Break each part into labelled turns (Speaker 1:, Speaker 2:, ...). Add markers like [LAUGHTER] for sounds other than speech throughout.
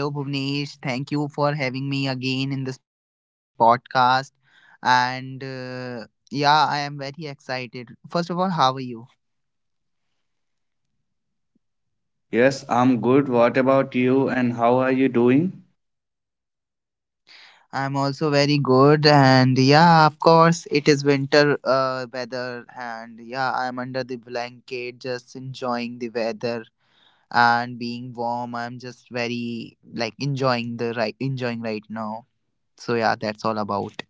Speaker 1: Hello, Bhuvnesh. Thank you for having me again in this podcast. And Yeah, I am very excited. First of all, how are you?
Speaker 2: Yes, I'm good. What about you and how are you doing?
Speaker 1: I'm also very good. And yeah, of course, it is winter weather. And yeah, I'm under the blanket just enjoying the weather and being warm. I'm just very like enjoying the right enjoying right now. So yeah, that's all about.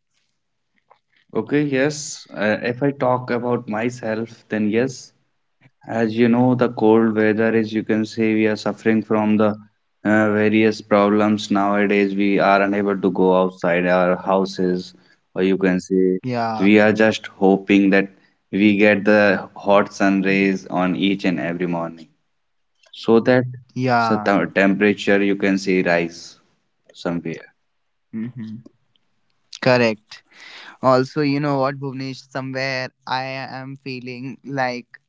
Speaker 2: Okay, yes. If I talk about myself, then yes, as you know, the cold weather is, you can say, we are suffering from the various problems nowadays. We are unable to go outside our houses, or you can say,
Speaker 1: Yeah.
Speaker 2: we are just hoping that we get the hot sun rays on each and every morning, so that so the
Speaker 1: Yeah.
Speaker 2: temperature you can see rise somewhere.
Speaker 1: Hmm. Correct. Also, you know what, Bhuvnesh, somewhere I am feeling like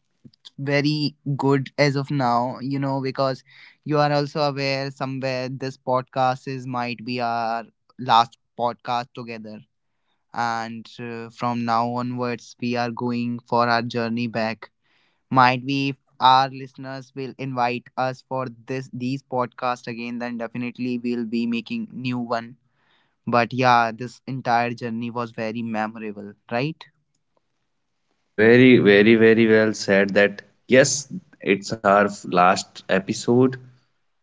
Speaker 1: very good as of now, you know, because you are also aware somewhere this podcast is might be our last podcast together. And From now onwards, we are going for our journey back. Might be if our listeners will invite us for this these podcast again, then definitely we'll be making new one. But yeah, this entire journey was very memorable, right?
Speaker 2: Very, very, very well said that yes, it's our last episode.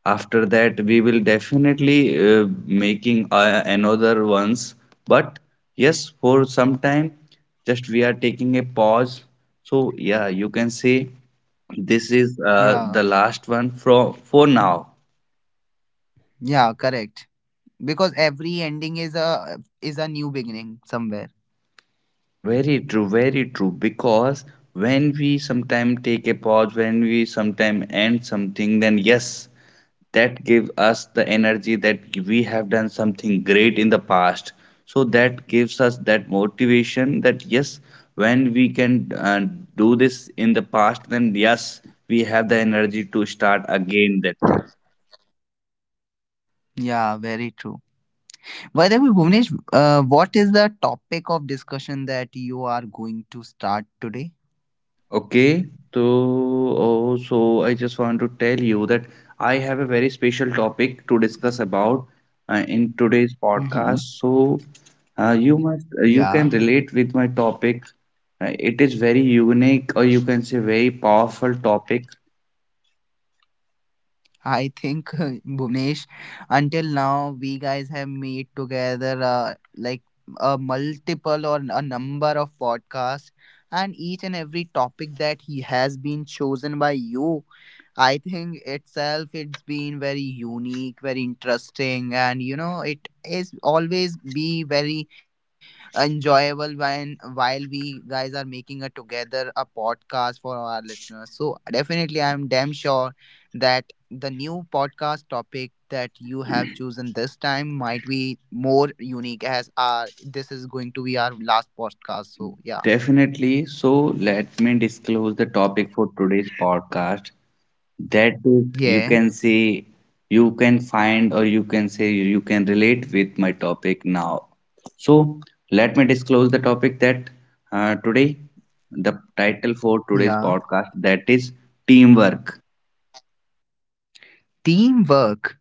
Speaker 2: After that, we will definitely making another ones. But yes, for some time, just we are taking a pause. So yeah, you can say this is
Speaker 1: Yeah,
Speaker 2: the last one from for now.
Speaker 1: yeah, correct. Because every ending is a new beginning somewhere.
Speaker 2: Very true, very true. Because when we sometimes take a pause, when we sometimes end something, then yes, that gives us the energy that we have done something great in the past. So that gives us that motivation that yes, when we can do this in the past, then yes, we have the energy to start again that thing.
Speaker 1: Yeah, very true. By the way, Bhuvnesh, what is the topic of discussion that you are going to start today?
Speaker 2: Okay, so oh, so I just want to tell you that I have a very special topic to discuss about in today's
Speaker 1: Mm-hmm.
Speaker 2: podcast. So you must you can
Speaker 1: Yeah.
Speaker 2: relate with my topic. It is very unique, or you can say very powerful topic.
Speaker 1: I think [LAUGHS] Bhuvnesh, until now we guys have meet together like a multiple or a number of podcasts, and each and every topic that he has been chosen by you, I think itself it's been very unique, very interesting, and you know it is always be very enjoyable when while we guys are making a together a podcast for our listeners. So definitely, I'm damn sure that the new podcast topic that you have chosen this time might be more unique as our this is going to be our last podcast so yeah
Speaker 2: Definitely. So let me disclose the topic for today's podcast, that is, you
Speaker 1: yeah
Speaker 2: can say, you can find or you can say you can relate with my topic now. So let me disclose the topic that today the title for today's
Speaker 1: yeah
Speaker 2: podcast, that is teamwork.
Speaker 1: teamwork.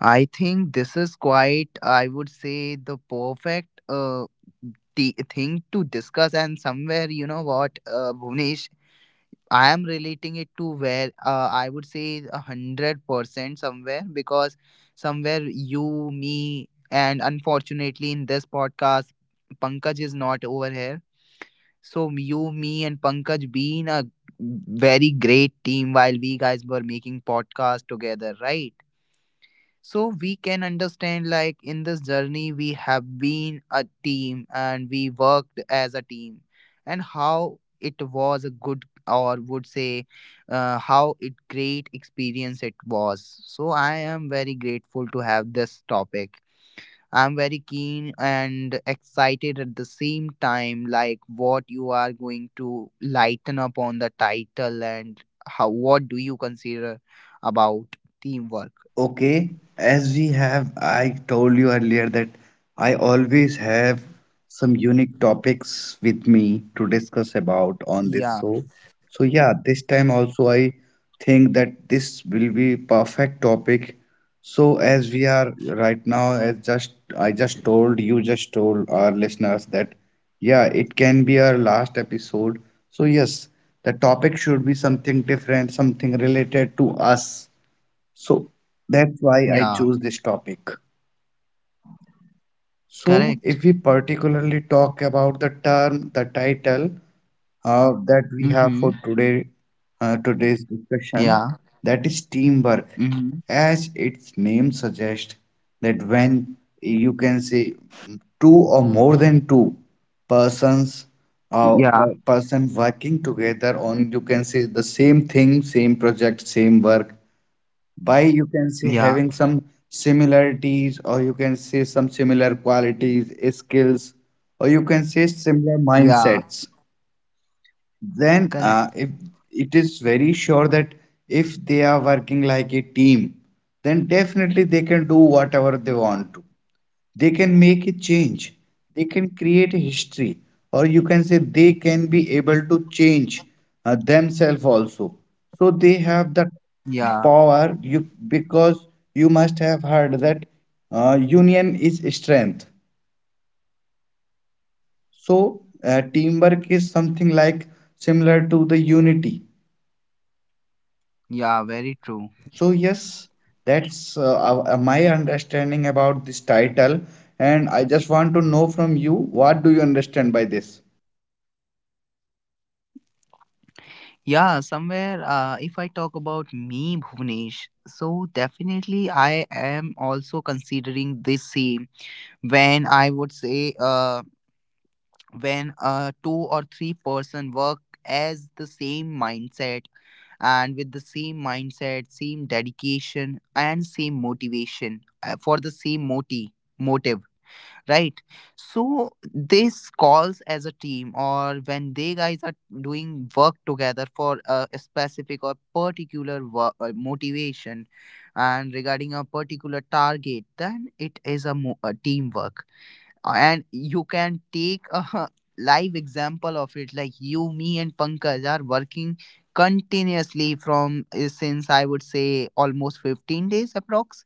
Speaker 1: I think this is quite I would say the perfect the thing to discuss, and somewhere you know what, Bhuvnesh, I am relating it to where I would say 100% somewhere, because somewhere you, me, and unfortunately in this podcast, Pankaj is not over here. So you, me, and Pankaj being a very great team while we guys were making podcast together, right? So we can understand like in this journey we have been a team and we worked as a team, and how it was a good or would say how it great experience it was. So I am very grateful to have this topic. I'm very keen and excited at the same time like what you are going to lighten up on the title and how what do you consider about teamwork.
Speaker 2: Okay, as we have, I told you earlier that I always have some unique topics with me to discuss about on this
Speaker 1: Yeah.
Speaker 2: show. So, yeah, this time also I think that this will be perfect topic. So, as we are right now, as just I just told you, just told our listeners that yeah, it can be our last episode. So, yes, the topic should be something different, something related to us, so that's why I
Speaker 1: Yeah.
Speaker 2: choose this topic. So
Speaker 1: Correct.
Speaker 2: if we particularly talk about the term, the title that we have
Speaker 1: Mm-hmm.
Speaker 2: for today, today's discussion,
Speaker 1: Yeah.
Speaker 2: that is teamwork.
Speaker 1: Mm-hmm.
Speaker 2: As its name suggests, that when you can say two or more than two persons
Speaker 1: Yeah.
Speaker 2: person working together on, you can say, the same thing, same project, same work, by, you can say,
Speaker 1: Yeah.
Speaker 2: having some similarities, or you can say some similar qualities, skills, or you can say similar
Speaker 1: Yeah.
Speaker 2: mindsets, then
Speaker 1: Correct.
Speaker 2: if it is very sure that if they are working like a team, then definitely they can do whatever they want to. They can make a change, they can create a history, or you can say they can be able to change themselves also. So they have the
Speaker 1: Yeah.
Speaker 2: power you because you must have heard that union is strength. So teamwork is something like similar to the unity.
Speaker 1: Yeah. Very
Speaker 2: So
Speaker 1: true.
Speaker 2: yes, that's my understanding about this title, and I just want to know from you, what do you understand by this?
Speaker 1: Yeah. Somewhere, if I talk about me, Bhuvnesh, so definitely I am also considering this same when I would say, when two or three-person work as the same mindset, and with the same mindset, same dedication, and same motivation for the same motive, right? So this calls as a team, or when they guys are doing work together for a specific or particular motivation, and regarding a particular target, then it is a, a teamwork. And you can take a [LAUGHS] live example of it, like you me and Pankaj are working continuously from since I would say almost 15 days approx,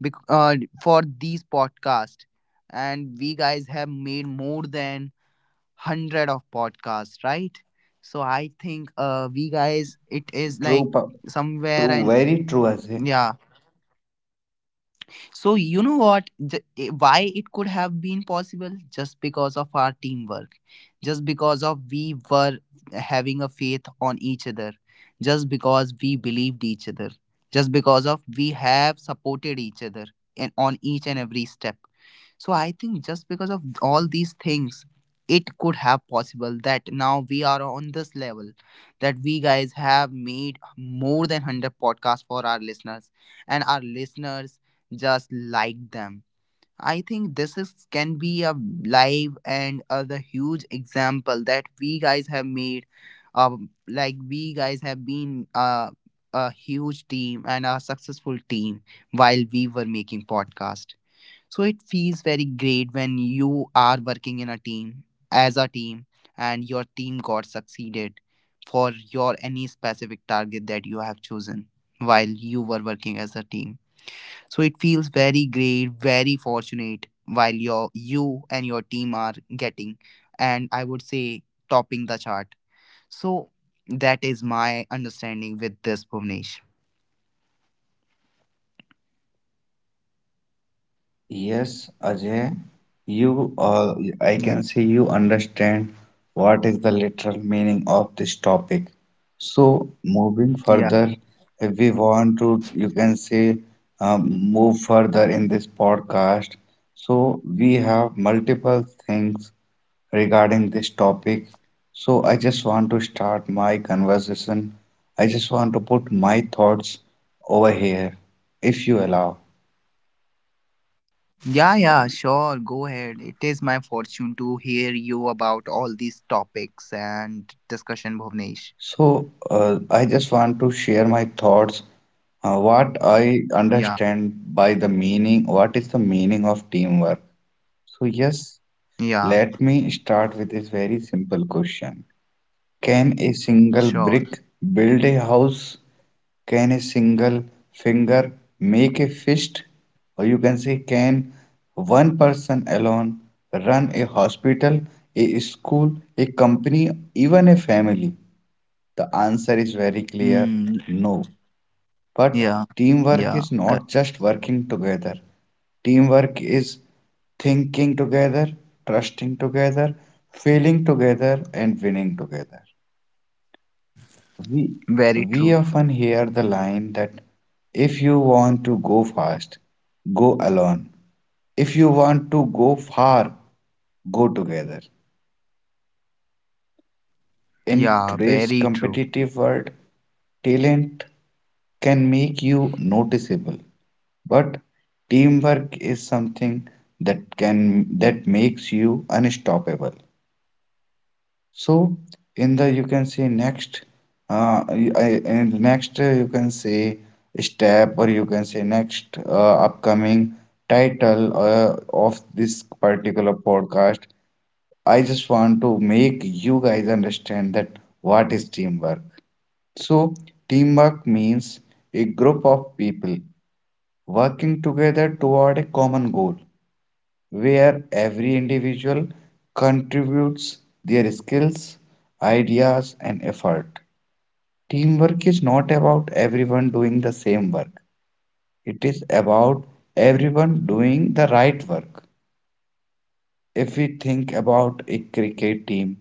Speaker 1: bec- uh, for these podcasts, and we guys have made more than 100 of podcasts, right? So I think we guys it is like
Speaker 2: True, pa-
Speaker 1: somewhere
Speaker 2: True,
Speaker 1: and
Speaker 2: very true, Ajay.
Speaker 1: yeah. So you know what, why it could have been possible just because of our teamwork, just because of we were having a faith on each other, just because we believed each other, just because of we have supported each other, and on each and every step. So I think just because of all these things, it could have possible that now we are on this level, that we guys have made more than 100 podcasts for our listeners, and our listeners just like them. I think this is can be a live and the huge example that we guys have made. Like we guys have been a huge team and a successful team while we were making podcast. So it feels very great when you are working in a team, as a team, and your team got succeeded for your any specific target that you have chosen while you were working as a team. So it feels very great, very fortunate while your you and your team are getting and I would say topping the chart. So that is my understanding with this Bhuvnesh.
Speaker 2: Yes, Ajay, you I
Speaker 1: Yeah.
Speaker 2: can say you understand what is the literal meaning of this topic. So moving
Speaker 1: Yeah.
Speaker 2: further, if we want to, you can say move further in this podcast. So we have multiple things regarding this topic. So I just want to start my conversation. I just want to put my thoughts over here, if you allow.
Speaker 1: Yeah, yeah, sure. Go ahead. It is my fortune to hear you about all these topics and discussion, Bhuvnesh.
Speaker 2: So, I just want to share my thoughts. What I
Speaker 1: Yeah,
Speaker 2: understand by the meaning, what is the meaning of teamwork? So, yes,
Speaker 1: yeah,
Speaker 2: let me start with this very simple question. Can a single
Speaker 1: sure.
Speaker 2: brick build a house? Can a single finger make a fist? Or you can say, can one person alone run a hospital, a school, a company, even a family? The answer is very
Speaker 1: Mm,
Speaker 2: clear, no.
Speaker 1: yeah,
Speaker 2: But
Speaker 1: yeah,
Speaker 2: teamwork is
Speaker 1: correct.
Speaker 2: not just working together, teamwork is thinking together, trusting together, failing together, and winning together. We,
Speaker 1: Very
Speaker 2: we
Speaker 1: true.
Speaker 2: often hear the line that if you want to go fast, go alone. If you want to go far, go together. In
Speaker 1: Yeah,
Speaker 2: today's
Speaker 1: very true.
Speaker 2: competitive world, talent can make you noticeable, but teamwork is something that makes you unstoppable. So in the, you can say, next uh, I- in the next, you can say step, or you can say next upcoming title of this particular podcast, I just want to make you guys understand that what is teamwork. So, teamwork means a group of people working together toward a common goal where every individual contributes their skills, ideas, and effort. Teamwork is not about everyone doing the same work, it is about everyone doing the right work. If we think about a cricket team,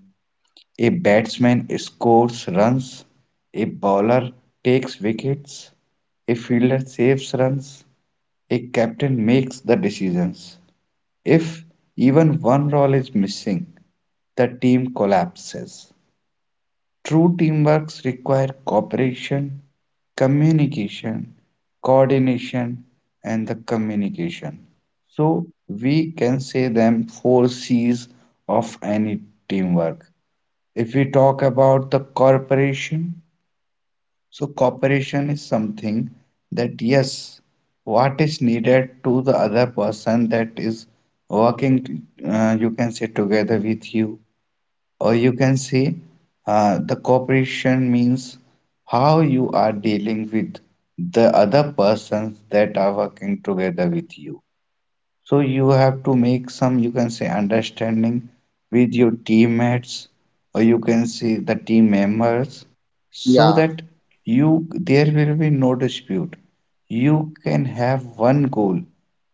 Speaker 2: a batsman scores runs, a bowler takes wickets, a fielder saves runs, a captain makes the decisions. If even one role is missing, the team collapses. True teamwork requires cooperation, communication, coordination, and the communication. So we can say them four C's of any teamwork. If we talk about the corporation, so cooperation is something that yes, what is needed to the other person that is working, you can say together with you, or you can say the cooperation means how you are dealing with the other persons that are working together with you. So you have to make some, you can say, understanding with your teammates, or you can say the team members, so
Speaker 1: Yeah,
Speaker 2: that you there will be no dispute. You can have one goal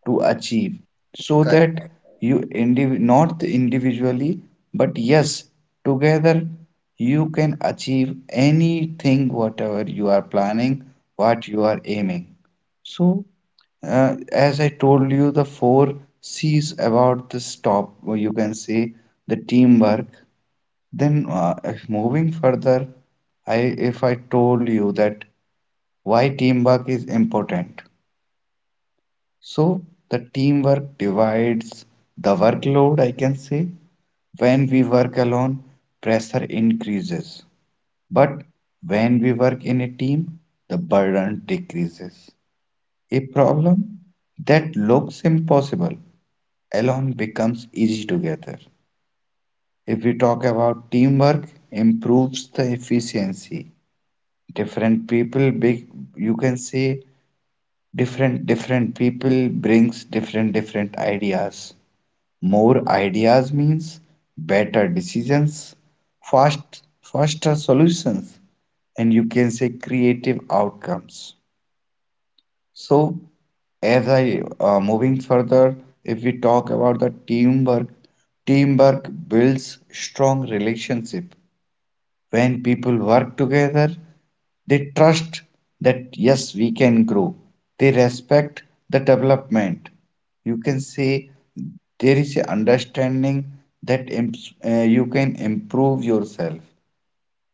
Speaker 2: to achieve, so that
Speaker 1: correct.
Speaker 2: you indiv not individually, but yes, together you can achieve anything, whatever you are planning, what you are aiming. So as I told you, the four C's about this top, or you can say the teamwork. Then, if moving further, I if I told you that why teamwork is important. So the teamwork divides the workload, I can say. When we work alone, pressure increases. But when we work in a team, the burden decreases. A problem that looks impossible alone becomes easy together. If we talk about teamwork, improves the efficiency. Different people, big, you can say different different people brings different different ideas. More ideas means better decisions, fast faster solutions, and you can say creative outcomes. So, as I moving further, if we talk about the teamwork, teamwork builds strong relationship. When people work together, they trust that yes, we can grow. They respect the development. You can say there is a understanding that you can improve yourself.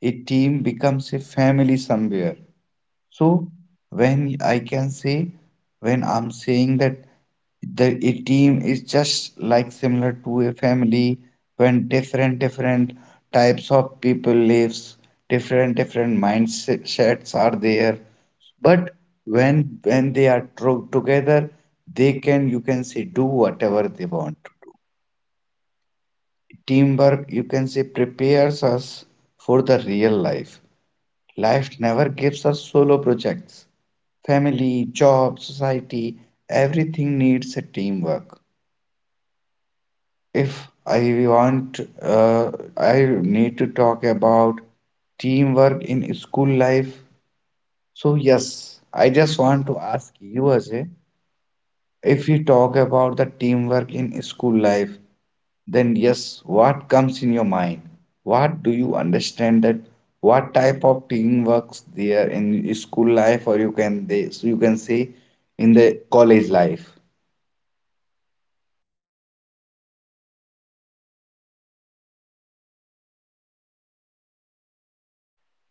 Speaker 2: A team becomes a family somewhere. So when I can say when I'm saying that the a team is just like similar to a family, when different different types of people lives, different different mindsets are there, but when when they are together, they can, you can say, do whatever they want. Teamwork, you can say, prepares us for the real life. Life never gives us solo projects. Family, job, society, everything needs a teamwork. If I want, I need to talk about teamwork in school life. So, yes, I just want to ask you, Ajay, if we talk about the teamwork in school life, then yes, what comes in your mind? What do you understand that what type of teamwork there in school life, or you can they so you can say in the college life?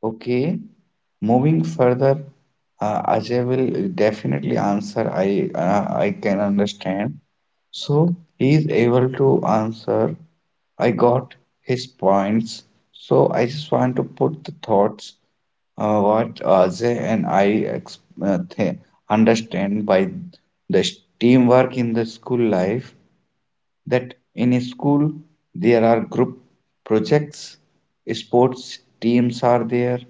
Speaker 2: Okay, moving further, Ajay will definitely answer. I can understand. So he is able to answer. I got his points. So I just want to put the thoughts what Ajay and I ex th understand by the teamwork in the school life, that in a school there are group projects, sports teams are there,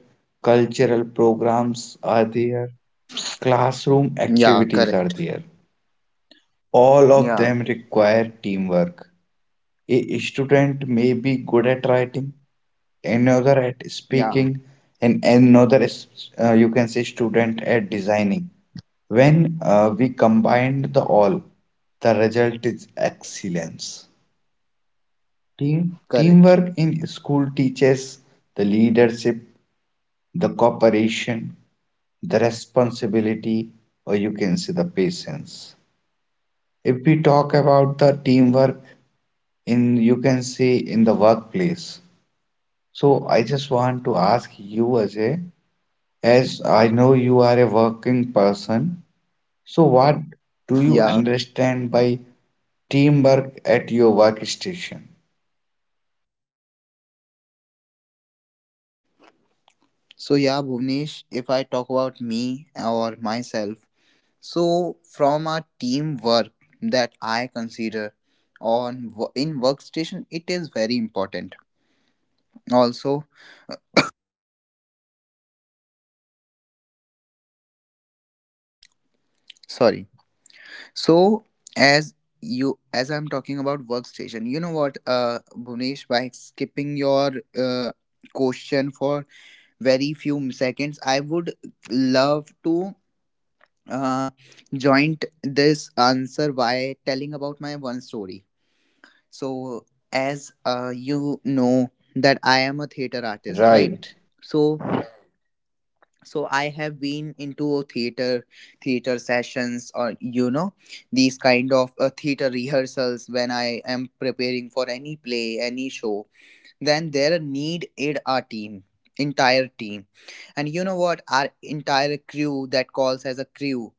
Speaker 2: cultural programs are there, classroom
Speaker 1: Yeah,
Speaker 2: activities are
Speaker 1: correct.
Speaker 2: there. All of
Speaker 1: Yeah,
Speaker 2: them require teamwork. A student may be good at writing, another at
Speaker 1: yeah,
Speaker 2: speaking, and another is, you can say student at designing. When we combined the all, the result is excellence.
Speaker 1: correct.
Speaker 2: Teamwork in school teaches the leadership, the cooperation, the responsibility, or you can say the patience. If we talk about the teamwork in, you can say in the workplace. So I just want to ask you, Ajay, as I know you are a working person, so what do you
Speaker 1: Yeah.
Speaker 2: understand by teamwork at your workstation?
Speaker 1: So yeah, Bhuvnesh, if I talk about me or myself, so from our teamwork that I consider on in workstation, it is very important. Also, sorry. So, as you as I'm talking about workstation, you know what, Bhuvnesh, by skipping your question for very few seconds, I would love to uh, joint this answer by telling about my one story. So as you know that I am a theater artist, right?
Speaker 2: Right.
Speaker 1: So so I have been into a theater theater sessions, or you know these kind of theater rehearsals when I am preparing for any play any show, then there need it our team entire team. And you know what, our entire crew that calls as a crew,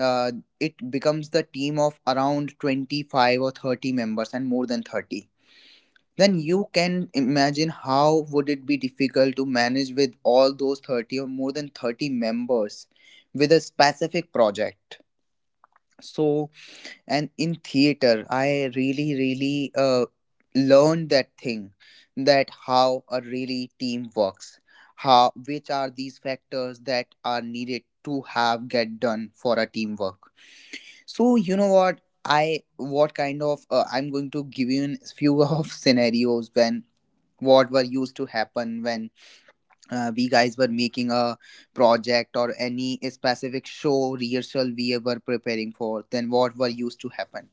Speaker 1: uh, it becomes the team of around 25 or 30 members and more than 30. Then you can imagine how would it be difficult to manage with all those 30 or more than 30 members with a specific project. So and in theater I really learned that thing, that how a really team works, how which are these factors that are needed to have get done for a teamwork. So you know what, I what kind of I'm going to give you a few [LAUGHS] of scenarios when what were used to happen when we guys were making a project or any specific show rehearsal we were preparing for, then what were used to happen.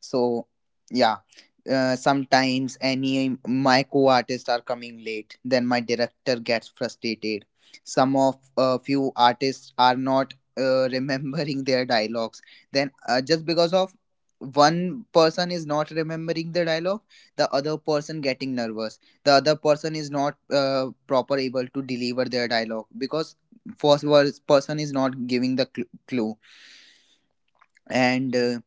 Speaker 1: So yeah, sometimes any my co-artists are coming late. Then my director gets frustrated. Some of a few artists are not [LAUGHS] remembering their dialogues. Then just because of one person is not remembering the dialogue, the other person getting nervous, the other person is not proper able to deliver their dialogue because person is not giving the clue. And uh,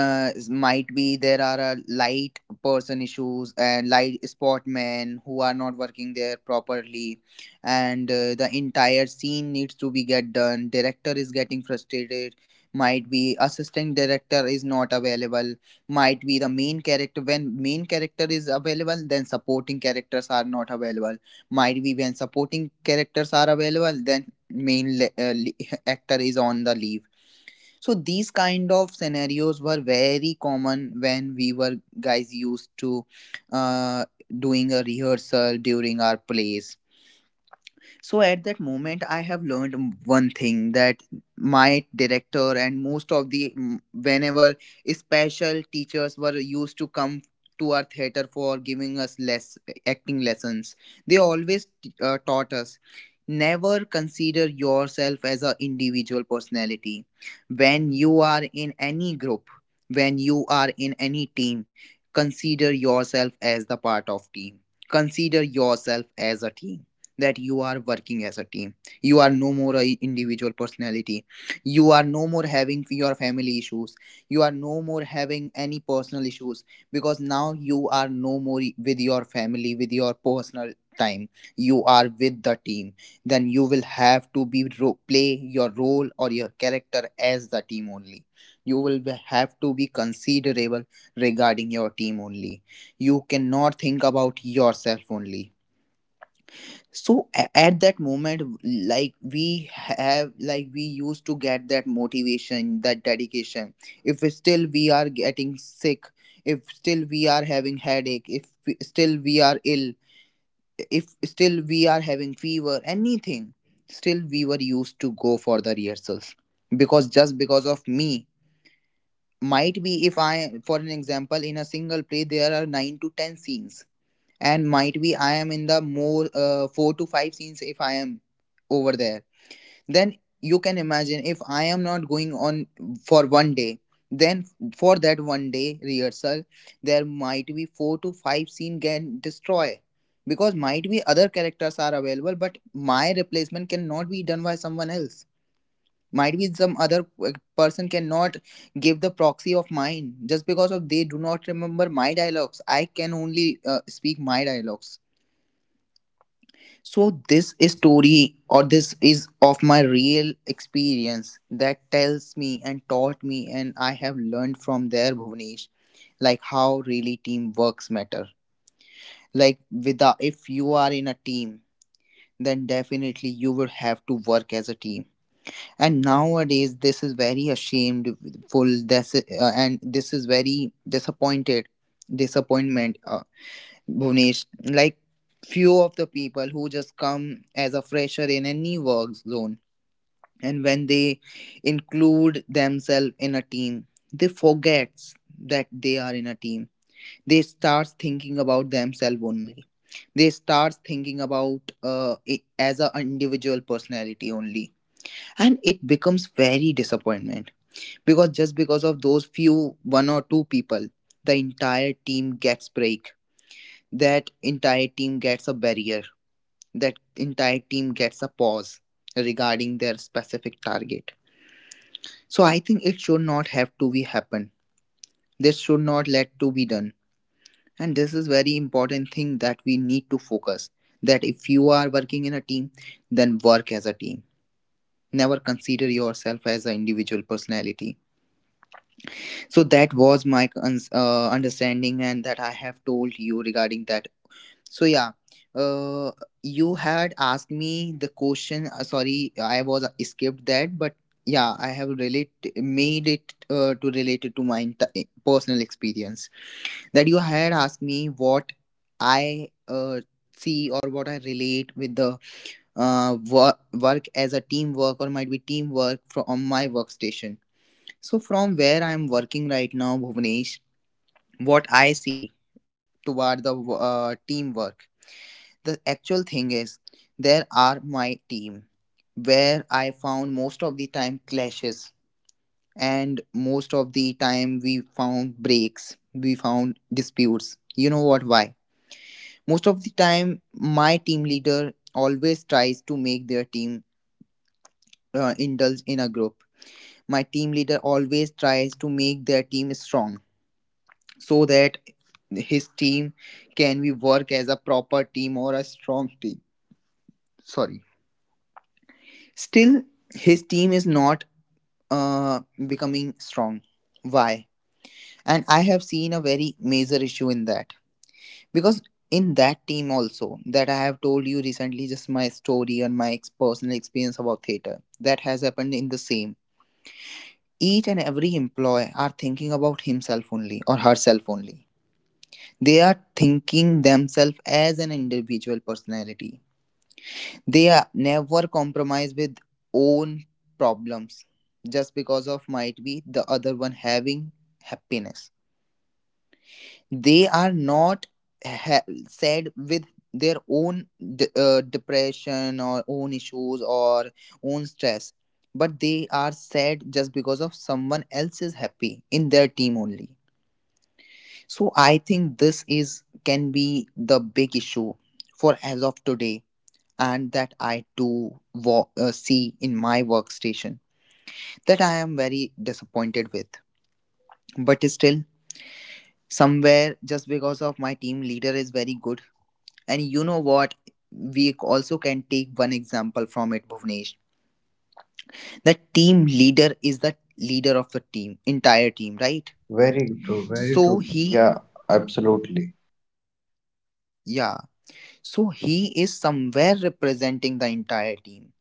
Speaker 1: uh, s- might be there are a light person issues and light sportmen who are not working there properly, and the entire scene needs to be get done, director is getting frustrated, might be assistant director is not available, might be the main character when main character is available then supporting characters are not available, might be when supporting characters are available then main [LAUGHS] actor is on the leave. So these kind of scenarios were very common when we were guys used to uh, doing a rehearsal during our plays. So at that moment, I have learned one thing, that my director and most of the whenever special teachers were used to come to our theater for giving us less acting lessons, they always taught us never consider yourself as a individual personality when you are in any group, when you are in any team. Consider yourself as the part of team, consider yourself as a team, that you are working as a team. You are no more a individual personality, you are no more having your family issues, you are no more having any personal issues, because now you are no more with your family with your personal time, you are with the team. Then you will have to be play your role or your character as the team only. You will have to be considerable regarding your team only, you cannot think about yourself only. So at that moment like we have like we used to get that motivation that dedication, if still we are getting sick, if still we are having headache, if we- still we are ill, if still we are having fever anything, still we were used to go for the rehearsals, because just because of me, might be if I for an example in a single play there are 9 to 10 scenes, and might be I am in the more four to five scenes if I am over there. Then you can imagine if I am not going on for one day, then for that one day rehearsal, there might be four to five scene can destroy, because might be other characters are available, but my replacement cannot be done by someone else. Might be some other person cannot give the proxy of mine just because of they do not remember my dialogues. I can only speak my dialogues, so this story or this is of my real experience that tells me and taught me and I have learned from there, Bhuvanesh, like how really teamworks matter. Like without, if you are in a team, then definitely you will have to work as a team. And nowadays this is very ashamedful. This And this is very disappointed, disappointment. Bhunesh, like few of the people who just come as a fresher in a new work zone, and when they include themselves in a team, they forget that they are in a team. They start thinking about themselves only. They start thinking about it as an individual personality only, and it becomes very disappointment because just because of those few one or two people, the entire team gets break, that entire team gets a barrier, that entire team gets a pause regarding their specific target. So I think it should not have to be happen, this should not let to be done, and this is very important thing that we need to focus, that if you are working in a team, then work as a team, never consider yourself as an individual personality. So that was my understanding, and that I have told you regarding that. So yeah, uh, you had asked me the question. Sorry, I was escaped that, but yeah, I have relate made it to relate it to my personal experience. That you had asked me what I see or what I relate with the work as a teamwork or might be teamwork from my workstation. So from where I am working right now, Bhuvanesh, what I see toward the teamwork, the actual thing is there are my team where I found most of the time clashes, and most of the time we found breaks, we found disputes. You know what? Why? Most of the time my team leader always tries to make their team indulge in a group. My team leader always tries to make their team strong so that his team can we work as a proper team or a strong team. Sorry. Still, his team is not uh, becoming strong. Why? And I have seen a very major issue in that. Because in that team, also, that I have told you recently, just my story and my personal experience about theatre, that has happened in the same. Each and every employee are thinking about himself only or herself only. They are thinking themselves as an individual personality. They are never compromise with own problems just because of might be the other one having happiness. They are not sad with their own depression or own issues or own stress, but they are sad just because of someone else is happy in their team only. So I think this is can be the big issue for as of today, and that I too see in my workstation, that I am very disappointed with. But still, somewhere just because of my team leader is very good. And you know what? We also can take one example from it, Bhuvnesh. The team leader is the leader of the team, entire team, right?
Speaker 2: Very true, very
Speaker 1: So
Speaker 2: true.
Speaker 1: he,
Speaker 2: Yeah, absolutely.
Speaker 1: yeah, so he is somewhere representing the entire team,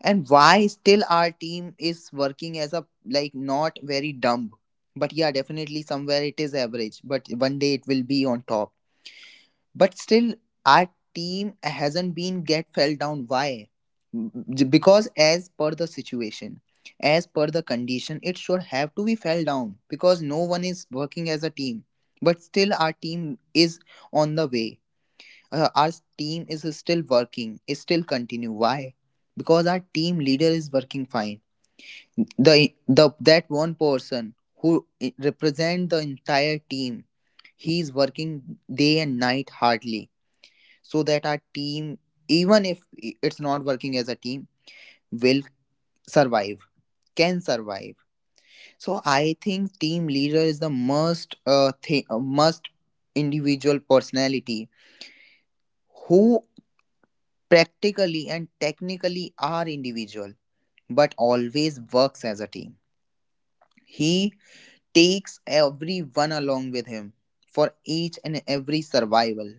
Speaker 1: and why still our team is working as a, like, not very dumb, but yeah, definitely somewhere it is average, but one day it will be on top. But still our team hasn't been get fell down. Why? Because as per the situation, as per the condition, it should have to be fell down because no one is working as a team, but still our team is on the way. Our team is still working, is still continue. Why? Because our team leader is working fine. The That one person who represent the entire team, he is working day and night hardly, so that our team, even if it's not working as a team, will survive, can survive. So I think team leader is the most must individual personality who practically and technically are individual, but always works as a team. He takes everyone along with him for each and every survival,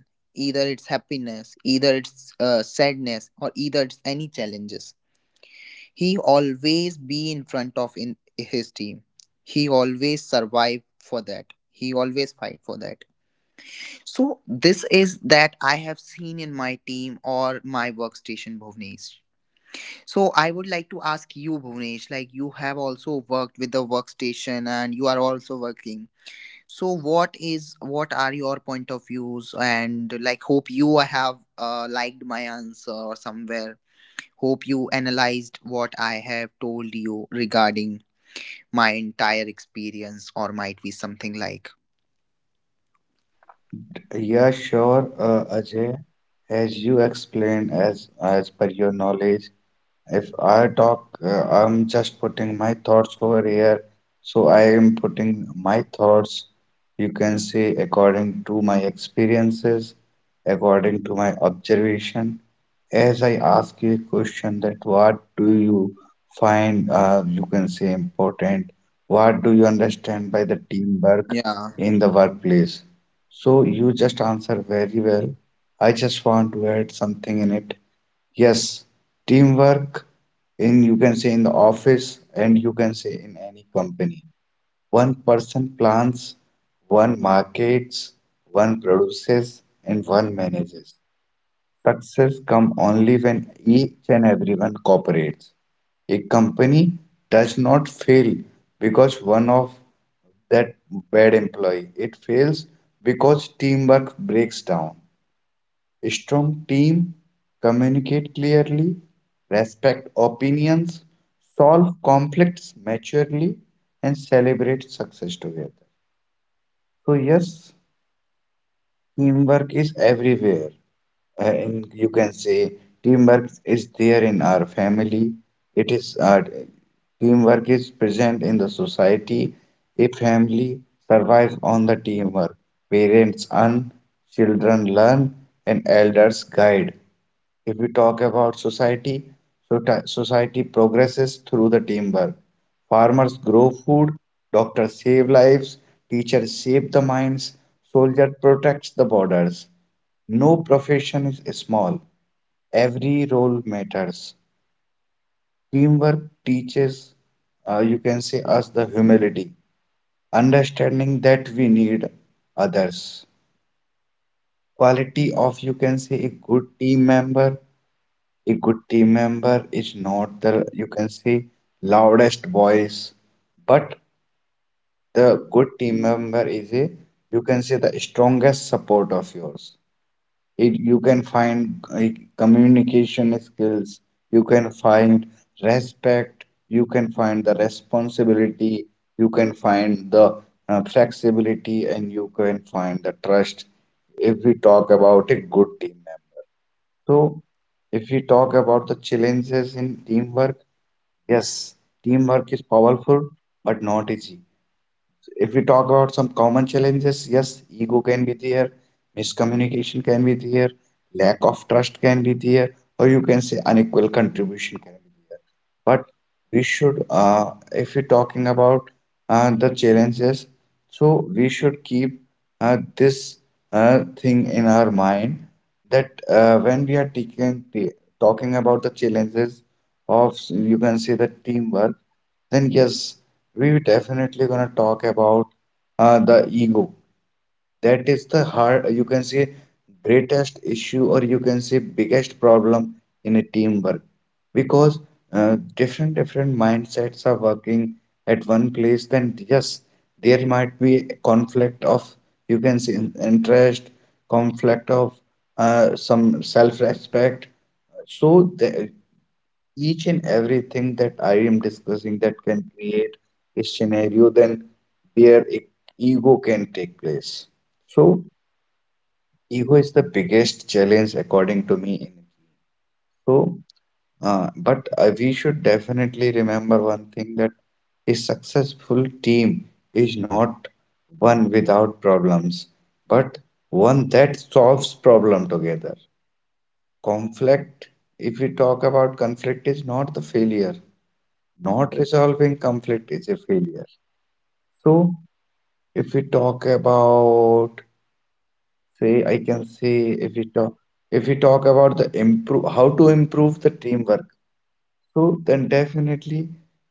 Speaker 1: either it's happiness, either it's sadness, or either it's any challenges. He always be in front of in his team, he always survive for that, he always fight for that. So this is that I have seen in my team or my workstation, Bhuvnesh. So I would like to ask you, Bhunesh, like you have also worked with the workstation and you are also working. So what is, what are your point of views? And like, hope you have liked my answer, or somewhere. Hope you analyzed what I have told you regarding my entire experience, or might be something like,
Speaker 2: Yeah, sure, Ajay. As you explained, as per your knowledge, if I talk, I'm just putting my thoughts over here. So I am putting my thoughts, you can say, according to my experiences, according to my observation. As I ask you a question that what do you find, you can say, important? What do you understand by the teamwork
Speaker 1: yeah.
Speaker 2: in the workplace? So you just answer very well. I just want to add something in it. Yes, teamwork in you can say in the office and you can say in any company. One person plans, one markets, one produces, and one manages. Success comes only when each and everyone cooperates. A company does not fail because one of that bad employee. It fails because teamwork breaks down. A strong team communicate clearly, respect opinions, solve conflicts maturely, and celebrate success together. So yes, teamwork is everywhere. You can say teamwork is there in our family. It is teamwork is present in the society. A family survives on the teamwork. Parents earn, children learn, and elders guide. If we talk about society, so society progresses through the teamwork. Farmers grow food, doctors save lives, teachers shape the minds, soldier protects the borders. No profession is small. Every role matters. Teamwork teaches, you can say, us the humility, understanding that we need others. Quality of, you can say, a good team member a good team member is not the you can say loudest voice, but the good team member is a you can say the strongest support of yours. It, you can find communication skills, you can find respect, you can find the responsibility, you can find the flexibility, and you can find the trust if we talk about a good team member. So, if we talk about the challenges in teamwork, yes, teamwork is powerful but not easy. So, if we talk about some common challenges, yes, ego can be there, miscommunication can be there, lack of trust can be there, or you can say unequal contribution can be there. We should if we're talking about the challenges, so we should keep this thing in our mind that when we are talking about the challenges of you can say the teamwork, then yes we definitely gonna talk about the ego, that is the hard, you can say, greatest issue, or you can say, biggest problem in a teamwork because different mindsets are working at one place. Then yes, there might be a conflict of you can say interest, conflict of some self-respect. So the, each and everything that I am discussing that can create a scenario then where ego can take place. So ego is the biggest challenge according to me. So, but we should definitely remember one thing that a successful team is not one without problems, but one that solves problem together. Conflict, if we talk about conflict, is not the failure. Not resolving conflict is a failure. So, if we talk about say I can say if we talk if we talk about the improve how to improve the teamwork, so then definitely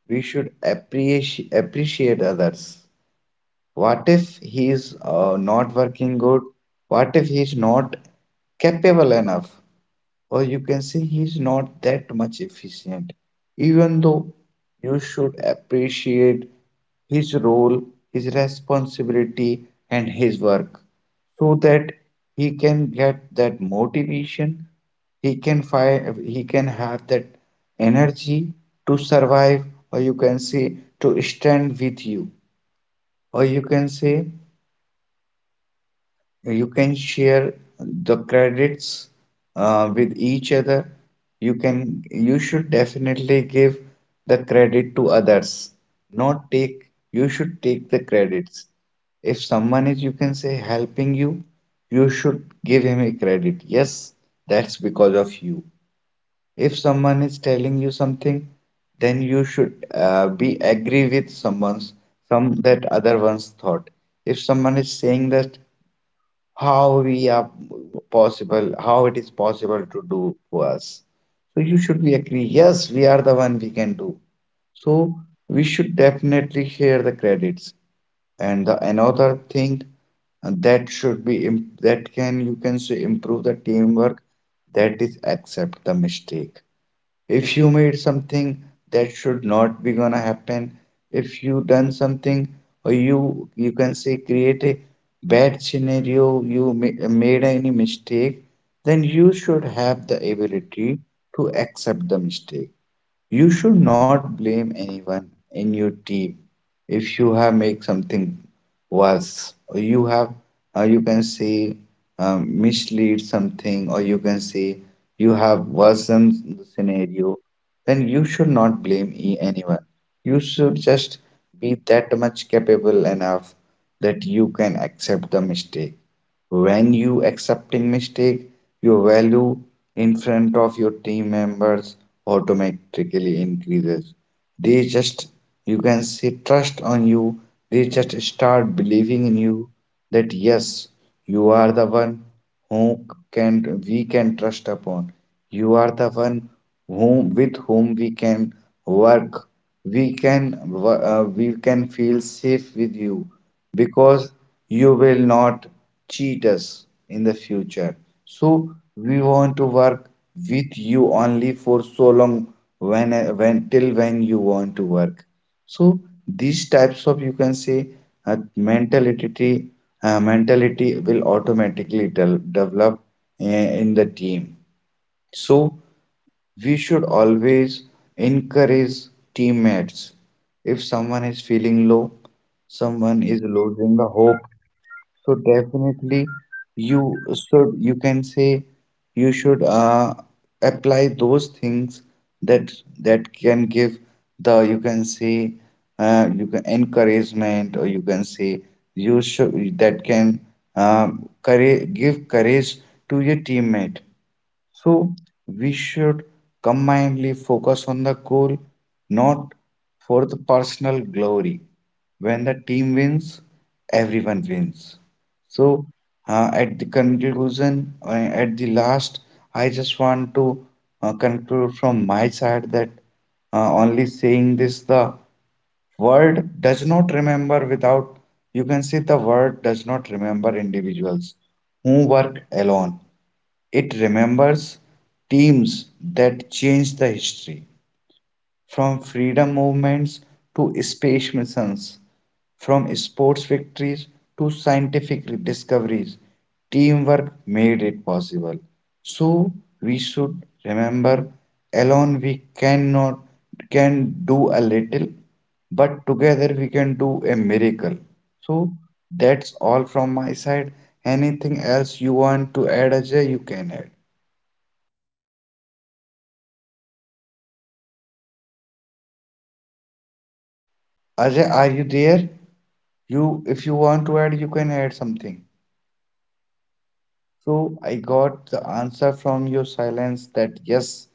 Speaker 2: we should appreciate others. What if he's not working good? What if he is not capable enough? Or you can say he's not that much efficient. Even though you should appreciate his role, his responsibility, and his work so that he can get that motivation, he can have that energy to survive, or you can say to stand with you, or you can say you can share the credits with each other. You can you should definitely give the credit to others, not take you should take the credits if someone is you can say helping you, you should give him a credit. Yes, that's because of you. If someone is telling you something, then you should be agree with someone's some that other one's thought. If someone is saying that how we are possible, how it is possible to do for us. So you should be agree, yes, we are the one we can do. So we should definitely share the credits. And the another thing that that can you can say improve the teamwork, that is accept the mistake. If you made something that should not be gonna happen, if you done something, or you can say create a bad scenario, you made any mistake, then you should have the ability to accept the mistake. You should not blame anyone in your team if you have made something worse, or you have, you can say, mislead something, or you can say you have worsened the scenario. Then you should not blame anyone. You should just be that much capable enough that you can accept the mistake. When you accepting mistake, your value in front of your team members automatically increases. They just you can say trust on you, they just start believing in you that yes, you are the one who can we can trust upon. You are the one whom with whom we can work. We we can feel safe with you because you will not cheat us in the future. So we want to work with you only for so long when till when you want to work. So these types of you can say uh, mentality mentality will automatically develop uh, in the team. So we should always encourage teammates. If someone is feeling low, someone is losing the hope, so definitely you should, you can say, you should apply those things that that can give the, you can say, you can encouragement, or you can say, you should that can courage, give courage to your teammate. So we should combinedly focus on the goal, not for the personal glory. When the team wins, everyone wins. So at the conclusion, at the last, I just want to conclude from my side that only saying this, the world does not remember without, you can say the world does not remember individuals who work alone. It remembers teams that changed the history, from freedom movements to space missions, from sports victories to scientific discoveries. Teamwork made it possible. So we should remember alone we cannot can do a little, but together we can do a miracle. So that's all from my side. Anything else you want to add, Ajay, you can add.
Speaker 1: Yeah, so I think for today's podcast and this
Speaker 2: Ajay, are you
Speaker 1: last
Speaker 2: there?
Speaker 1: podcast,
Speaker 2: You, if you want to add, you
Speaker 1: yes,
Speaker 2: can
Speaker 1: am I...
Speaker 2: add something. So
Speaker 1: Yes.
Speaker 2: I got
Speaker 1: So,
Speaker 2: the
Speaker 1: am I
Speaker 2: answer
Speaker 1: audible?
Speaker 2: from your silence that yes,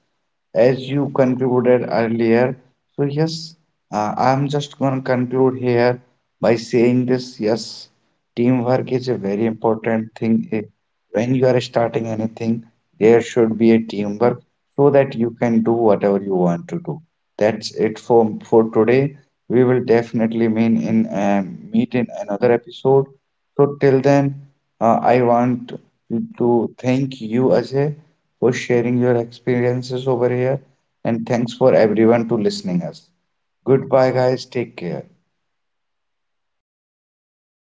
Speaker 2: as
Speaker 1: [LAUGHS]
Speaker 2: you
Speaker 1: Yeah.
Speaker 2: concluded earlier. So yes, I'm just gonna conclude here by saying this. Yes, teamwork is a very important
Speaker 1: Yeah.
Speaker 2: thing. Eh, when you are starting anything, there should be a teamwork so that you can do whatever you want to do. That's it for today. We will definitely mean in meet in another episode. So till then, I want to thank you, Ajay, for sharing your experiences over here. And
Speaker 1: Yeah.
Speaker 2: thanks for
Speaker 1: It
Speaker 2: everyone
Speaker 1: is
Speaker 2: to
Speaker 1: fine.
Speaker 2: listening us. Goodbye, guys. Take care.
Speaker 1: Yeah. Thank you, all the listeners.